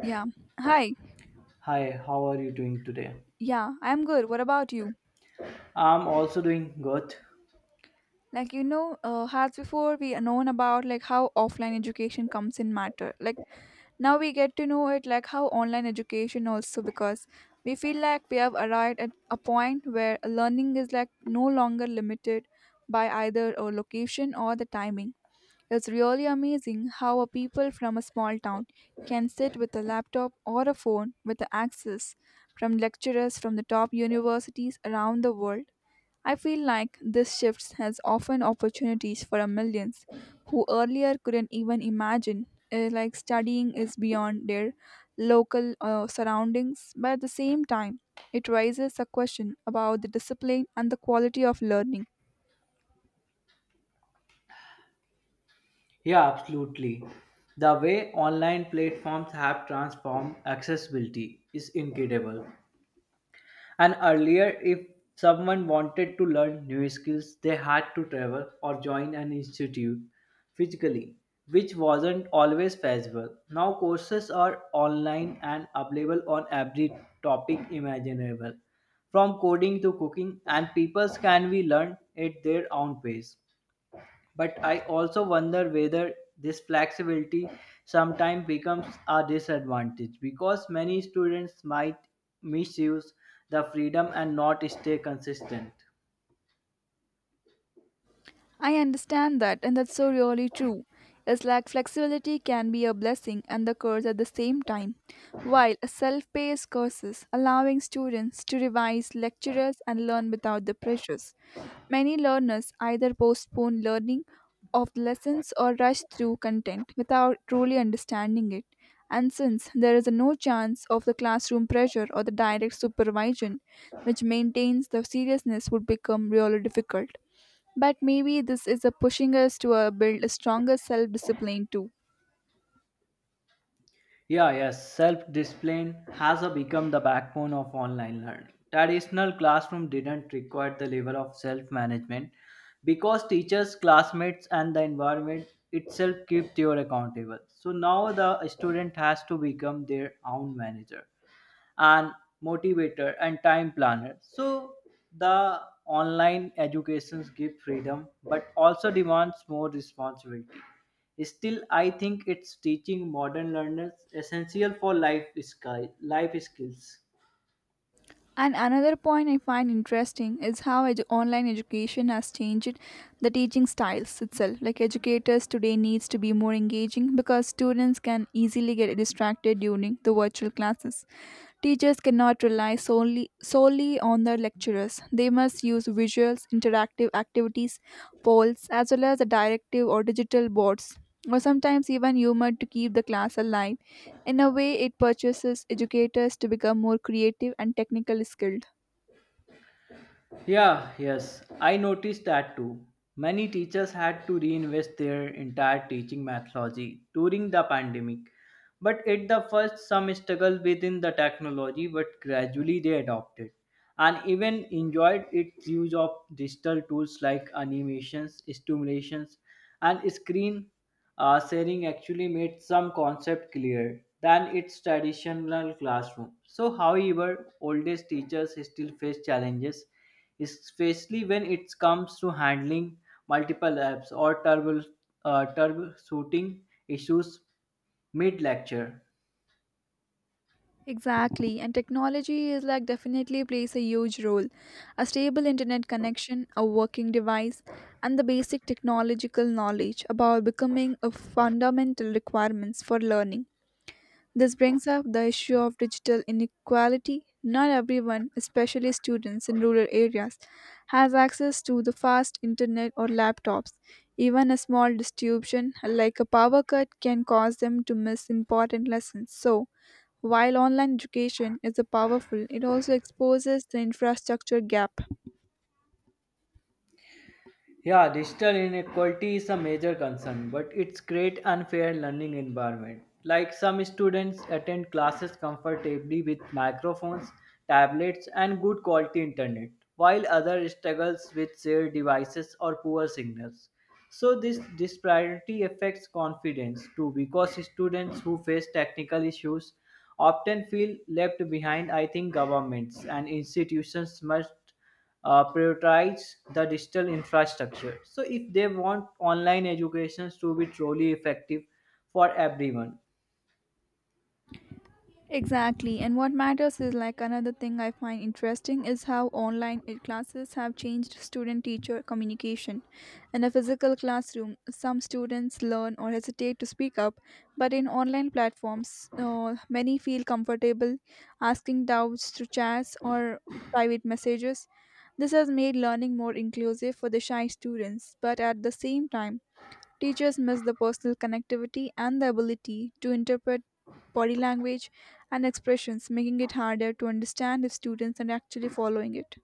Yeah. Hi. Hi, how are you doing today? Yeah, I'm good. What about you? I'm also doing good. As before we known about like how offline education comes in matter. Like now we get to know it like how online education also, because we feel like we have arrived at a point where learning is like no longer limited by either a location or the timing. It's really amazing how a people from a small town can sit with a laptop or a phone with the access from lecturers from the top universities around the world. I feel like this shift has often opportunities for a millions who earlier couldn't even imagine like studying is beyond their local surroundings, but at the same time it raises a question about the discipline and the quality of learning. Yeah, absolutely. The way online platforms have transformed accessibility is incredible. And earlier, if someone wanted to learn new skills, they had to travel or join an institute physically, which wasn't always feasible. Now, courses are online and available on every topic imaginable, from coding to cooking, and people can be learned at their own pace. But I also wonder whether this flexibility sometimes becomes a disadvantage because many students might misuse the freedom and not stay consistent. I understand that, and that's so really true. It's like flexibility can be a blessing and the curse at the same time. While self paced courses allowing students to revise lecturers and learn without the pressures, many learners either postpone learning of lessons or rush through content without truly understanding it. And since there is no chance of the classroom pressure or the direct supervision, which maintains the seriousness would become really difficult. But maybe this is a pushing us to build a stronger self discipline too. Yeah, yes, self discipline has a become the backbone of online learning. Traditional classroom didn't require the level of self management because teachers, classmates, and the environment itself keep you accountable. So now the student has to become their own manager and motivator and time planner. So the online educations give freedom but also demands more responsibility. Still, I think it's teaching modern learners essential for life, sky, life skills. And another point I find interesting is how online education has changed the teaching styles itself. Like educators today needs to be more engaging because students can easily get distracted during the virtual classes. Teachers cannot rely solely on their lecturers. They must use visuals, interactive activities, polls, as well as the directive or digital boards, or sometimes even humor to keep the class alive. In a way, it purchases educators to become more creative and technically skilled. Yeah, yes, I noticed that too. Many teachers had to reinvest their entire teaching methodology during the pandemic. But at the first, some struggled within the technology, but gradually they adopted and even enjoyed its use of digital tools like animations, stimulations, and screen. Sharing actually made some concept clear than its traditional classroom. So, however, oldest teachers still face challenges, especially when it comes to handling multiple apps or troubleshooting issues mid lecture. Exactly, and technology is like definitely plays a huge role. A stable internet connection, a working device, and the basic technological knowledge about becoming a fundamental requirements for learning. This brings up the issue of digital inequality. Not everyone, especially students in rural areas, has access to the fast internet or laptops. Even a small disruption like a power cut can cause them to miss important lessons. So, while online education is a powerful, it also exposes the infrastructure gap. Yeah, digital inequality is a major concern, but it's create unfair learning environment. Like some students attend classes comfortably with microphones, tablets, and good quality internet, while others struggles with shared devices or poor signals. So this disparity affects confidence too, because students who face technical issues often feel left behind. I think governments and institutions must prioritize the digital infrastructure. So, if they want online educations to be truly effective for everyone, Exactly, and what matters is like another thing I find interesting is how online classes have changed student teacher communication. In a physical classroom, some students learn or hesitate to speak up, but in online platforms, many feel comfortable asking doubts through chats or private messages. This has made learning more inclusive for the shy students, but at the same time, teachers miss the personal connectivity and the ability to interpret body language and expressions, making it harder to understand if students are actually following it.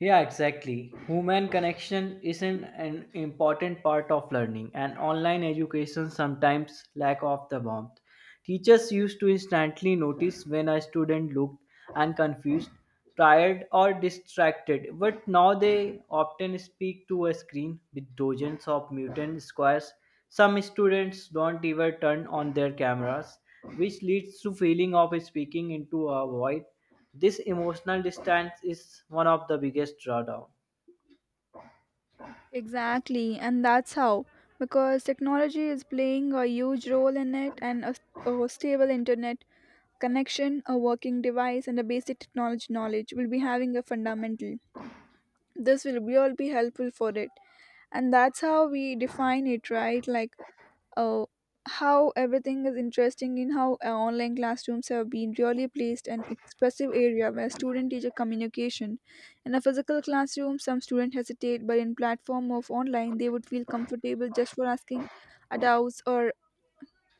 yeah, exactly. Human connection isn't an important part of learning, and online education sometimes lack of the warmth. Teachers used to instantly notice when a student looked and confused, tired, or distracted, but now they often speak to a screen with dozens of mutant squares. Some students don't even turn on their cameras, which leads to feeling of speaking into a void. This emotional distance is one of the biggest drawdown. Exactly, and that's how. Because technology is playing a huge role in it, and a stable internet connection, a working device, and a basic technology knowledge will be having a fundamental. This will be all be helpful for it, and that's how we define it, right? Like uh, how everything is interesting in how online classrooms have been really placed an expressive area where student teacher communication in a physical classroom some students hesitate, but in platform of online they would feel comfortable just for asking doubts or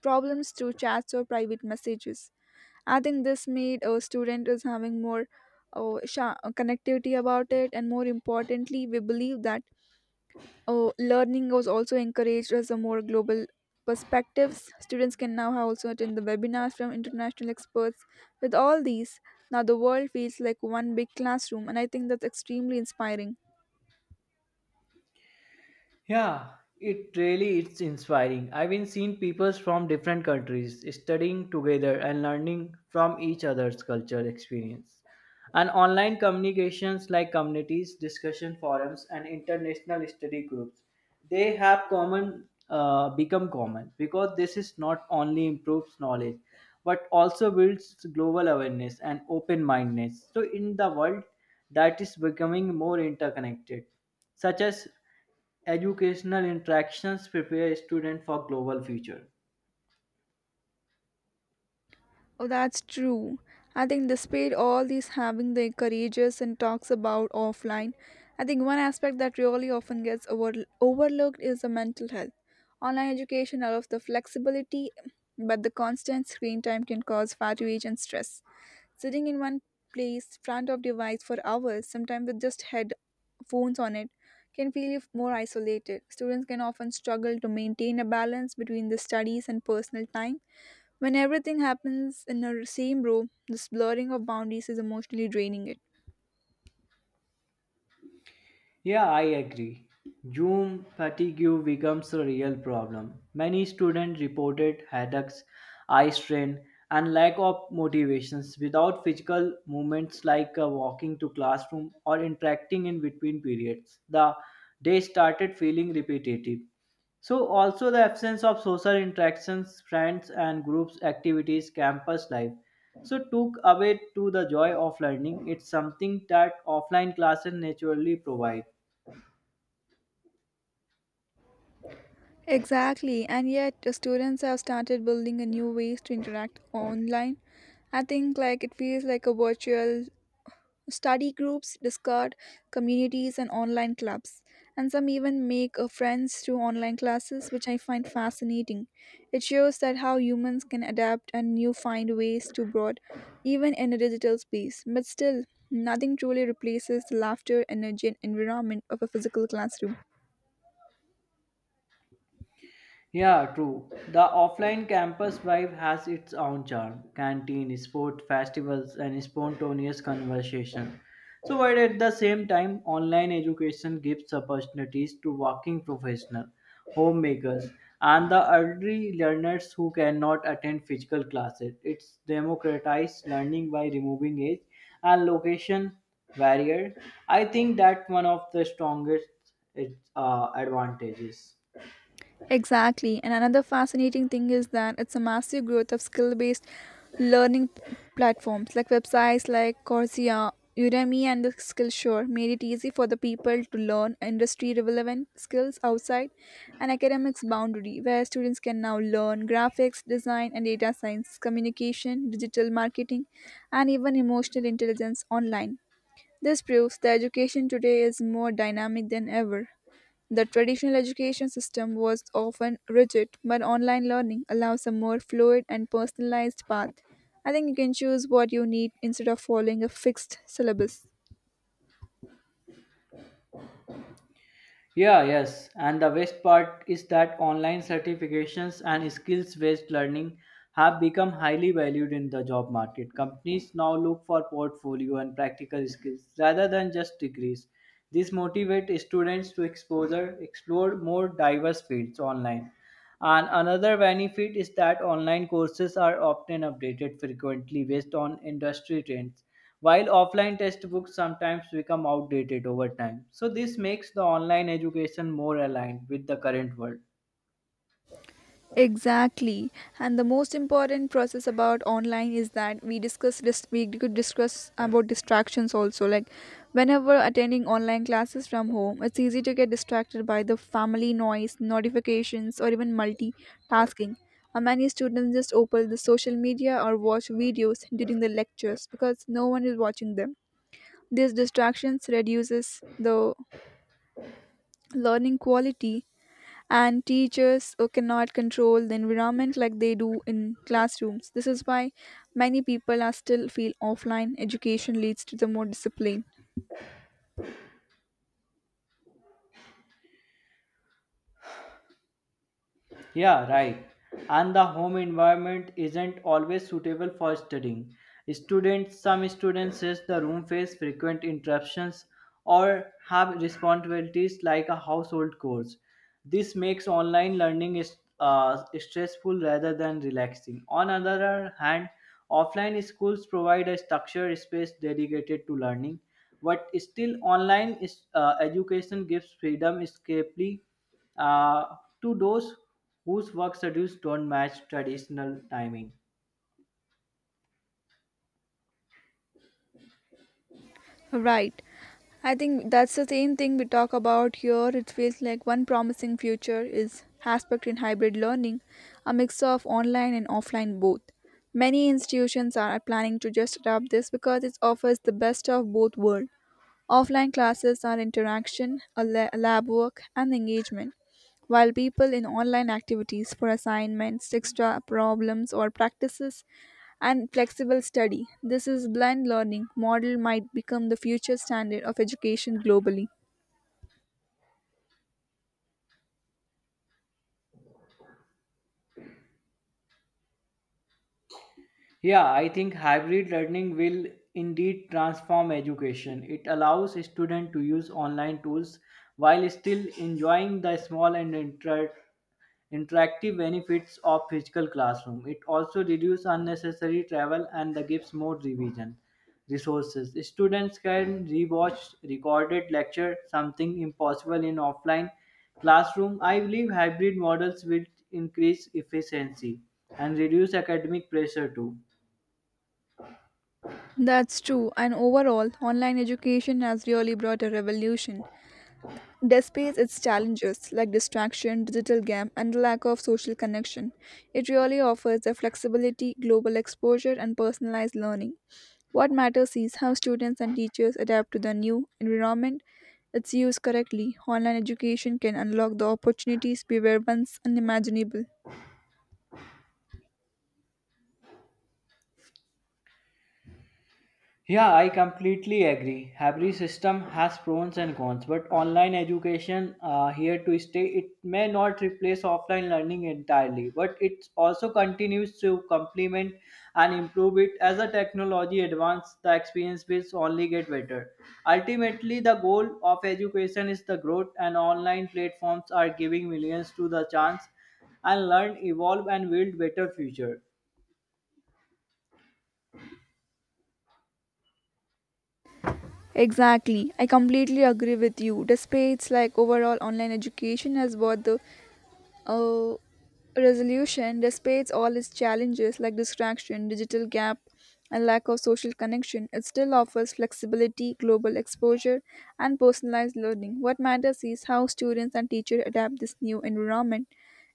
problems through chats or private messages. I think this made a student is having more connectivity about it, and more importantly we believe that, oh, learning was also encouraged as a more global perspectives. Students can now also attend the webinars from international experts. With all these, now the world feels like one big classroom, and I think that's extremely inspiring. Yeah, it really it's inspiring. I've been seeing peoples from different countries studying together and learning from each other's culture experience. And online communications like communities, discussion forums, and international study groups, they have common become common because this is not only improves knowledge but also builds global awareness and open-mindedness. So in the world that is becoming more interconnected such as educational interactions prepare students for global future. Oh, that's true. I think despite all these having the courageous and talks about offline, I think one aspect that really often gets overlooked is the mental health. Online education allows the flexibility, but the constant screen time can cause fatigue and stress. Sitting in one place, front of device for hours, sometimes with just headphones on it, can feel more isolated. Students can often struggle to maintain a balance between the studies and personal time. When everything happens in the same room, this blurring of boundaries is emotionally draining it. Yeah, I agree. Zoom fatigue becomes a real problem. Many students reported headaches, eye strain, and lack of motivations without physical movements like walking to classroom or interacting in between periods. The day started feeling repetitive. So also the absence of social interactions, friends and groups activities, campus life. So took away to the joy of learning. It's something that offline classes naturally provide. Exactly, and yet the students have started building a new ways to interact online. I think like it feels like a virtual study groups, Discord communities, and online clubs. And some even make friends through online classes, which I find fascinating. It shows that how humans can adapt and new find ways to broad, even in a digital space. But still, nothing truly replaces the laughter, energy, and environment of a physical classroom. Yeah, true. The offline campus vibe has its own charm. Canteen, sport, festivals, and spontaneous conversation. So, while at the same time, online education gives opportunities to working professionals, homemakers, and the early learners who cannot attend physical classes. It's democratized learning by removing age and location barrier. I think that one of the strongest its, advantages. Exactly. And another fascinating thing is that it's a massive growth of skill based learning platforms like websites like Coursera, Udemy, and the Skillshare made it easy for the people to learn industry relevant skills outside an academic's boundary, where students can now learn graphics, design, and data science, communication, digital marketing, and even emotional intelligence online. This proves that education today is more dynamic than ever. The traditional education system was often rigid, but online learning allows a more fluid and personalized path. I think you can choose what you need instead of following a fixed syllabus. Yeah, yes. And the best part is that online certifications and skills based learning have become highly valued in the job market. Companies now look for portfolio and practical skills rather than just degrees. This motivates students to exposure, explore more diverse fields online and another benefit is that online courses are often updated frequently based on industry trends, while offline textbooks sometimes become outdated over time. So, this makes the online education more aligned with the current world. Exactly. And the most important process about online is that we could discuss about distractions also. Like whenever attending online classes from home, it's easy to get distracted by the family noise, notifications, or even multitasking. And many students just open the social media or watch videos during the lectures because no one is watching them. These distractions reduces the learning quality, and teachers cannot control the environment like they do in classrooms. This is why many people are still feel offline education leads to the more discipline. Yeah, right. And the home environment isn't always suitable for studying. Students, some students says the room face frequent interruptions or have responsibilities like a household chores. This makes online learning is stressful rather than relaxing. On other hand, offline schools provide a structured space dedicated to learning, but still online is, education gives freedom escapely uh, to those whose work schedules don't match traditional timing. Right. I think that's the same thing we talk about here. It feels like one promising future is aspect in hybrid learning, a mix of online and offline both. Many institutions are planning to just adopt this because it offers the best of both worlds. Offline classes are interaction, lab work, and engagement, while people in online activities for assignments, extra problems, or practices, and flexible study. This is blend learning model might become the future standard of education globally. Yeah, I think hybrid learning will indeed transform education. It allows students to use online tools while still enjoying the small and interactive benefits of physical classroom. It also reduces unnecessary travel and the gives more revision resources. Students can rewatch recorded lecture, something impossible in offline classroom. I believe hybrid models will increase efficiency and reduce academic pressure too. That's true, and overall, online education has really brought a revolution. Despite its challenges like distraction, digital game, and the lack of social connection, it really offers the flexibility, global exposure, and personalized learning. What matters is how students and teachers adapt to the new environment. It's used correctly. Online education can unlock the opportunities we were once unimaginable. Yeah, I completely agree. Every system has pros and cons, but online education here to stay. It may not replace offline learning entirely, but it also continues to complement and improve it as the technology advances. The experience will only get better. Ultimately, the goal of education is the growth, and online platforms are giving millions to the chance and learn, evolve, and build better future. Exactly. I completely agree with you. Despite its like overall online education has brought the uh, resolution, despite all its challenges like distraction, digital gap, and lack of social connection, it still offers flexibility, global exposure, and personalized learning. What matters is how students and teachers adapt this new environment.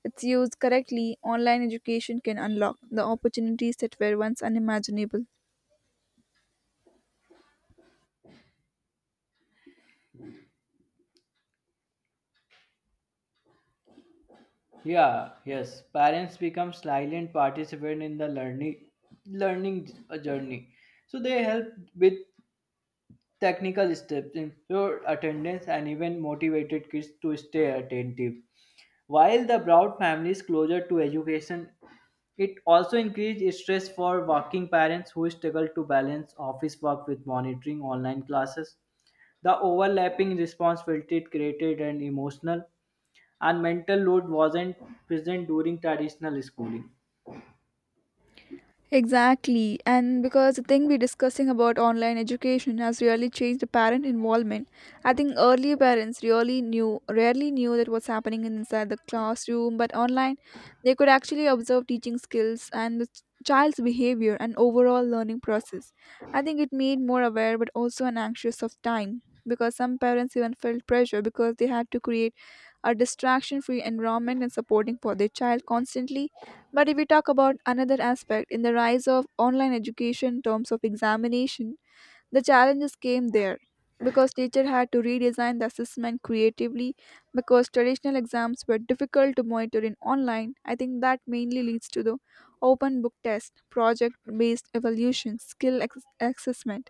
It's used correctly, online education can unlock the opportunities that were once unimaginable. Yeah, yes. Parents become silent participant in the learning journey. So they help with technical steps, ensure attendance, and even motivated kids to stay attentive. While the brought families closer to education, it also increased stress for working parents who struggle to balance office work with monitoring online classes. The overlapping responsibility created an emotional and mental load wasn't present during traditional schooling. Exactly, and because the thing we're discussing about online education has really changed the parent involvement. I think earlier parents rarely knew that what's happening inside the classroom, but online they could actually observe teaching skills and the child's behavior and overall learning process. I think it made more aware but also an anxious of time, because some parents even felt pressure because they had to create a distraction free environment and supporting for their child constantly. But if we talk about another aspect in the rise of online education in terms of examination, the challenges came there because teacher had to redesign the assessment creatively, because traditional exams were difficult to monitor in online. I think that mainly leads to the open book test, project based evaluation, assessment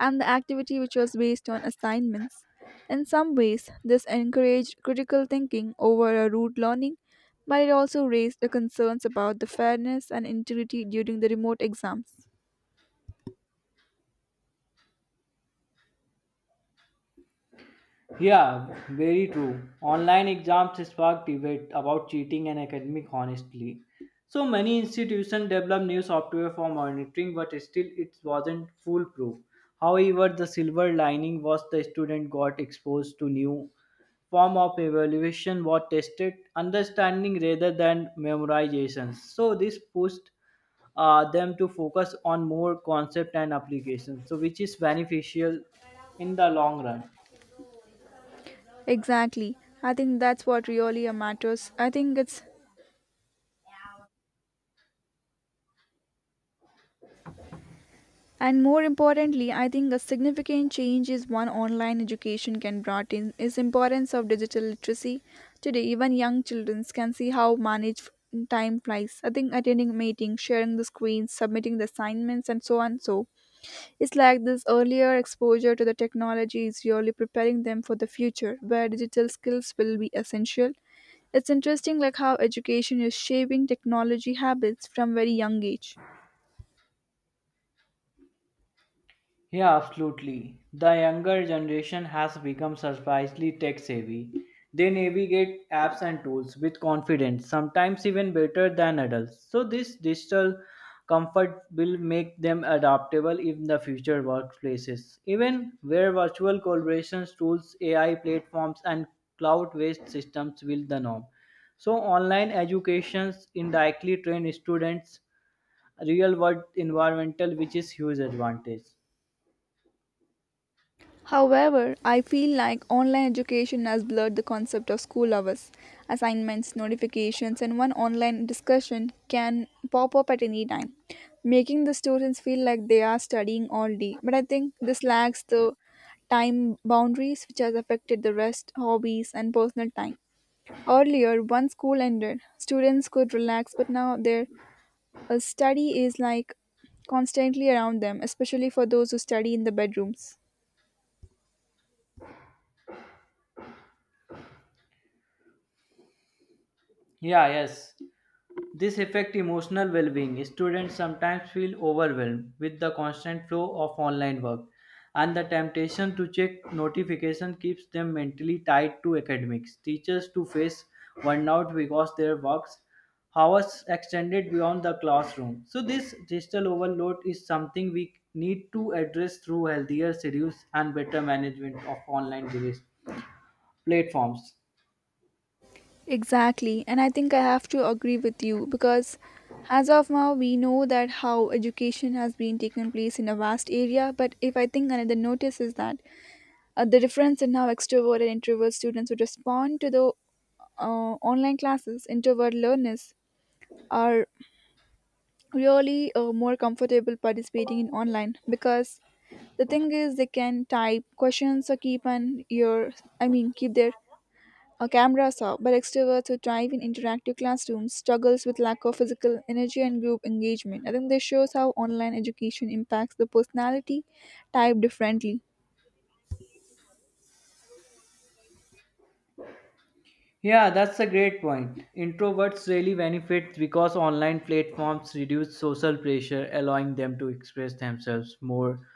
and the activity which was based on assignments. In some ways, this encouraged critical thinking over a rote learning, but it also raised the concerns about the fairness and integrity during the remote exams. Yeah, very true. Online exams sparked debate about cheating and academic honesty. So many institutions developed new software for monitoring, but still it wasn't foolproof. However, the silver lining was the student got exposed to new form of evaluation what tested understanding rather than memorization. So this pushed them to focus on more concept and applications so which is beneficial in the long run. Exactly. I think that's what really matters. I think it's, and more importantly, I think a significant change is one online education can brought in is importance of digital literacy. Today, even young children can see how manage time flies. I think attending meetings, sharing the screens, submitting the assignments, and so on so. It's like this earlier exposure to the technology is really preparing them for the future, where digital skills will be essential. It's interesting like how education is shaping technology habits from very young age. Yeah, absolutely. The younger generation has become surprisingly tech savvy. They navigate apps and tools with confidence, sometimes even better than adults. So, this digital comfort will make them adaptable in the future workplaces. Even where virtual collaboration tools, AI platforms, and cloud based systems will the norm. So, online educations indirectly train students real world environmental, which is huge advantage. However, I feel like online education has blurred the concept of school hours. Assignments, notifications, and one online discussion can pop up at any time, making the students feel like they are studying all day. But I think this lacks the time boundaries, which has affected the rest, hobbies, and personal time. Earlier, once school ended, students could relax, but now their study is like constantly around them, especially for those who study in the bedrooms. Yeah, yes. This affects emotional well-being. Students sometimes feel overwhelmed with the constant flow of online work, and the temptation to check notification keeps them mentally tied to academics. Teachers to face burnout because their works hours extended beyond the classroom. So this digital overload is something we need to address through healthier schedules and better management of online device platforms. Exactly, and I think I have to agree with you because as of now we know that how education has been taken place in a vast area, but if I think another notice is that the difference in how extrovert and introvert students would respond to the online classes, introvert learners are really more comfortable participating in online because the thing is they can type questions or keep an ear keep their a camera saw, but extroverts who thrive in interactive classrooms struggles with lack of physical energy and group engagement. I think this shows how online education impacts the personality type differently. Yeah, that's a great point. Introverts really benefit because online platforms reduce social pressure, allowing them to express themselves more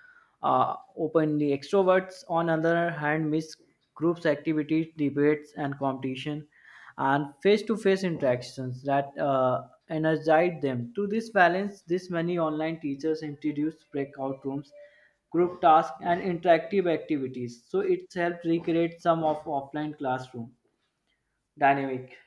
openly. Extroverts, on the other hand, miss groups activities, debates, and competition, and face-to-face interactions that energize them. To this balance, this many online teachers introduce breakout rooms, group tasks, and interactive activities. So it helps recreate some of offline classroom dynamic.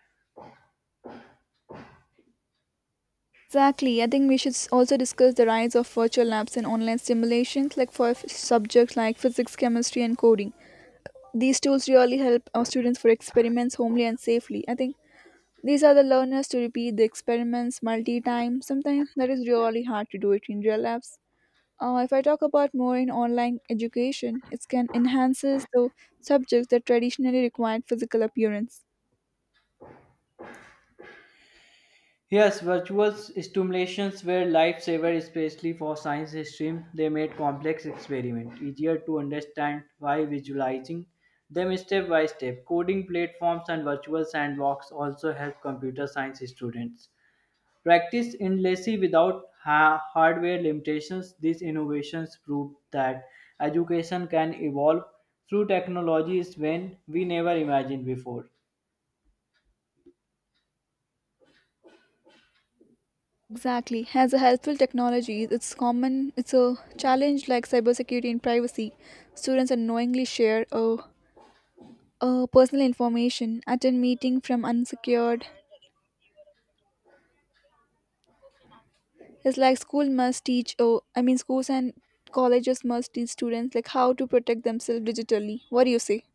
Exactly. I think we should also discuss the rise of virtual labs and online simulations, like for subjects like physics, chemistry, and coding. These tools really help our students for experiments homely and safely. I think these are the learners to repeat the experiments multi times. Sometimes that is really hard to do it in real labs. If I talk about more in online education, it can enhances the subjects that traditionally required physical appearance. Yes, virtual stimulations were lifesaver, especially for science stream. They made complex experiments easier to understand by visualizing them step by step. Coding platforms and virtual sandbox also help computer science students practice endlessly without hardware limitations. These innovations prove that education can evolve through technologies when we never imagined before. Exactly. As a helpful technology, it's common. It's a challenge like cybersecurity and privacy. Students unknowingly share personal information, attend meeting from unsecured. It's like school must teach. Schools and colleges must teach students like how to protect themselves digitally. What do you say?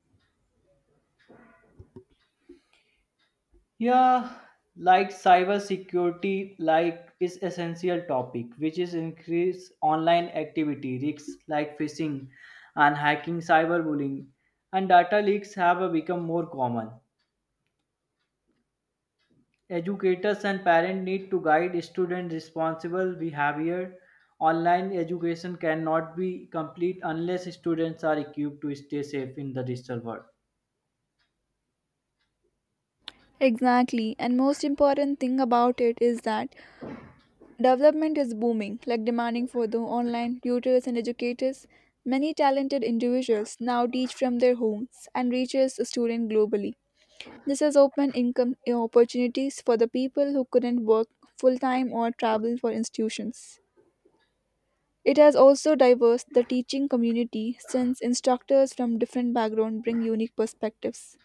Yeah, like cybersecurity, like is essential topic, which is increase online activity risks like phishing and hacking, cyberbullying, and data leaks have become more common. Educators and parents need to guide students responsible behavior. Online education cannot be complete unless students are equipped to stay safe in the digital world. Exactly. And most important thing about it is that development is booming, like demanding for the online tutors and educators. Many talented individuals now teach from their homes and reaches students globally. This has opened income opportunities for the people who couldn't work full time or travel for institutions. It has also diverse the teaching community since instructors from different backgrounds bring unique perspectives.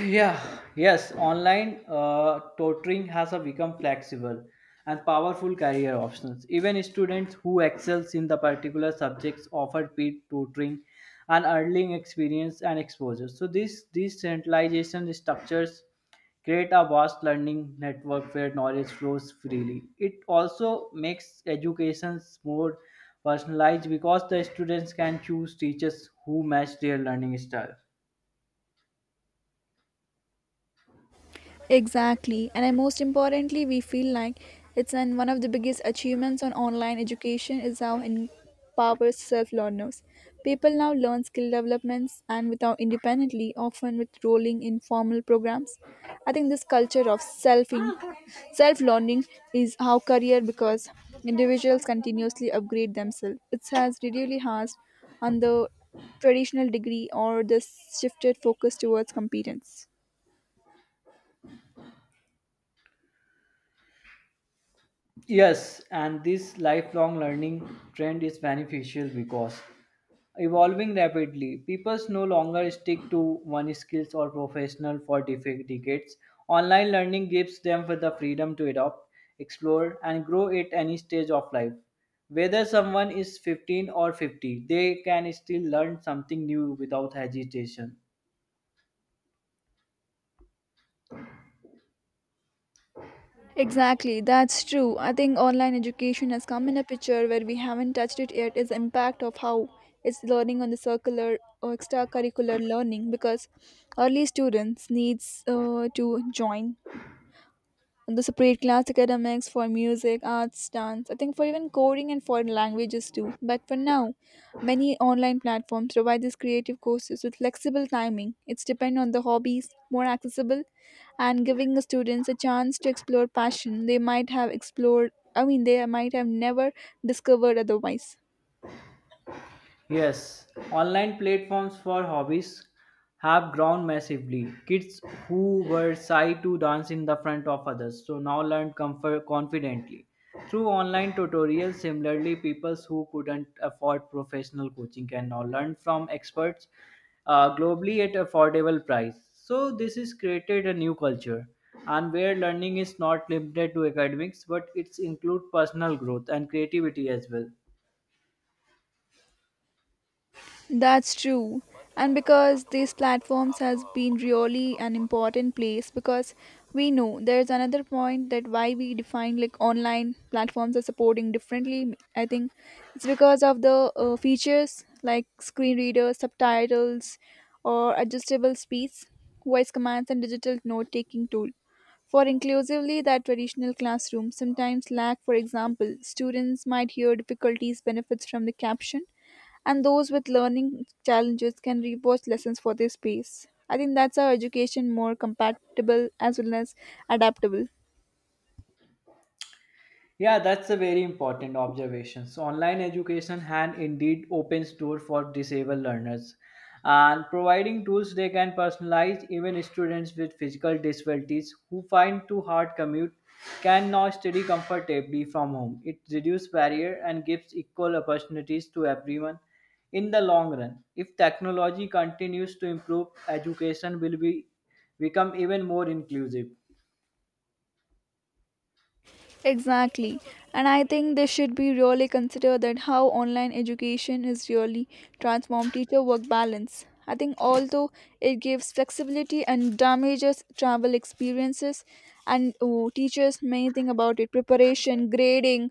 Yeah, yes, online tutoring has a become flexible and powerful career options. Even students who excels in the particular subjects offer peer tutoring and earning experience and exposure. So this these centralization structures create a vast learning network where knowledge flows freely. It also makes education more personalized because the students can choose teachers who match their learning style. Exactly. Most importantly, we feel like one of the biggest achievements on online education is how it empowers self-learners. People now learn skill developments and without independently, often with rolling in formal programs. I think this culture of self-learning is how career because individuals continuously upgrade themselves. It has really harsh on the traditional degree or this shifted focus towards competence. Yes, and this lifelong learning trend is beneficial because evolving rapidly. People no longer stick to one skills or professional for decades. Online learning gives them the freedom to adopt, explore, and grow at any stage of life. Whether someone is 15 or 50, they can still learn something new without hesitation. Exactly, that's true. I think online education has come in a picture where we haven't touched it yet is the impact of how it's learning on the circular or extracurricular learning because early students needs to join and they separate class academics for music, arts, dance, I think for even coding and foreign languages too. But for now, many online platforms provide these creative courses with flexible timing. It's depend on the hobbies, more accessible, and giving the students a chance to explore passion they might have explored. They might have never discovered otherwise. Yes, online platforms for hobbies have grown massively. Kids who were shy to dance in the front of others so now learn comfort confidently through online tutorials. Similarly, people who couldn't afford professional coaching can now learn from experts globally at affordable price. So this has created a new culture and where learning is not limited to academics but it's include personal growth and creativity as well. That's true. And because these platforms has been really an important place because we know there's another point that why we define like online platforms are supporting differently. I think it's because of the features like screen readers, subtitles, or adjustable speeds, voice commands, and digital note-taking tool. For inclusively that traditional classroom sometimes lack, for example, students might hear difficulties benefits from the caption and those with learning challenges can rewatch lessons for their space. I think that's how education more compatible as well as adaptable. Yeah, that's a very important observation. So online education can indeed opens door for disabled learners and providing tools they can personalize even students with physical disabilities who find too hard commute can now study comfortably from home. It reduces barrier and gives equal opportunities to everyone in the long run. If technology continues to improve, education will be become even more inclusive. Exactly. And I think they should be really consider that how online education is really transform teacher work balance. I think although it gives flexibility and damages travel experiences and teachers may think about it preparation, grading,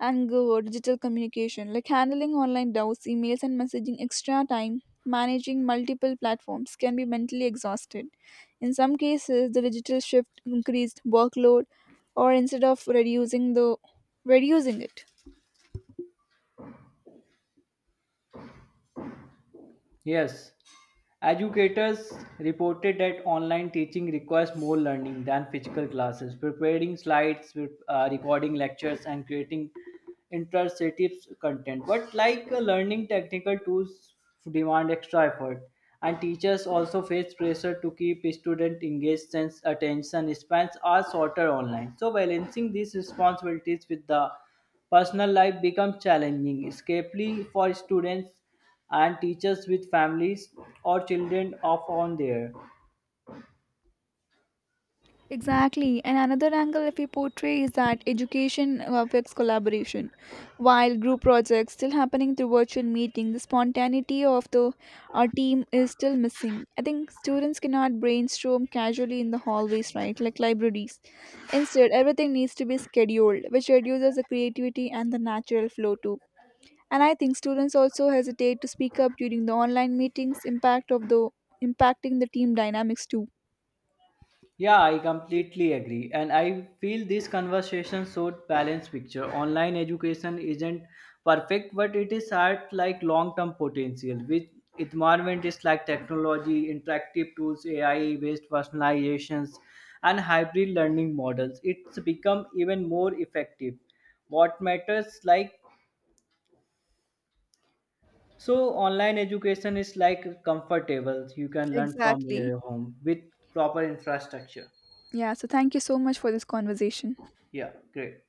and go digital communication, like handling online doubts, emails, and messaging extra time, managing multiple platforms can be mentally exhausted. In some cases, the digital shift increased workload, or instead of reducing it. Yes, educators reported that online teaching requires more learning than physical classes. Preparing slides, recording lectures, and creating interactive content. But like learning technical tools demand extra effort, and teachers also face pressure to keep student engaged since attention spans are shorter online. So balancing these responsibilities with the personal life becomes challenging, especially for students and teachers with families or children of on there. Exactly. And another angle if we portray is that education affects collaboration. While group projects still happening through virtual meeting, the spontaneity of the our team is still missing. I think students cannot brainstorm casually in the hallways, right? Like libraries. Instead, everything needs to be scheduled, which reduces the creativity and the natural flow too. And I think students also hesitate to speak up during the online meetings, impacting the team dynamics too. Yeah, I completely agree. And I feel this conversation showed balanced picture. Online education isn't perfect, but it is at like long-term potential with environment is like technology, interactive tools, AI-based personalizations, and hybrid learning models. It's become even more effective. What matters like so online education is like comfortable. You can learn from Exactly. your home with proper infrastructure. Yeah, so thank you so much for this conversation. Yeah, great.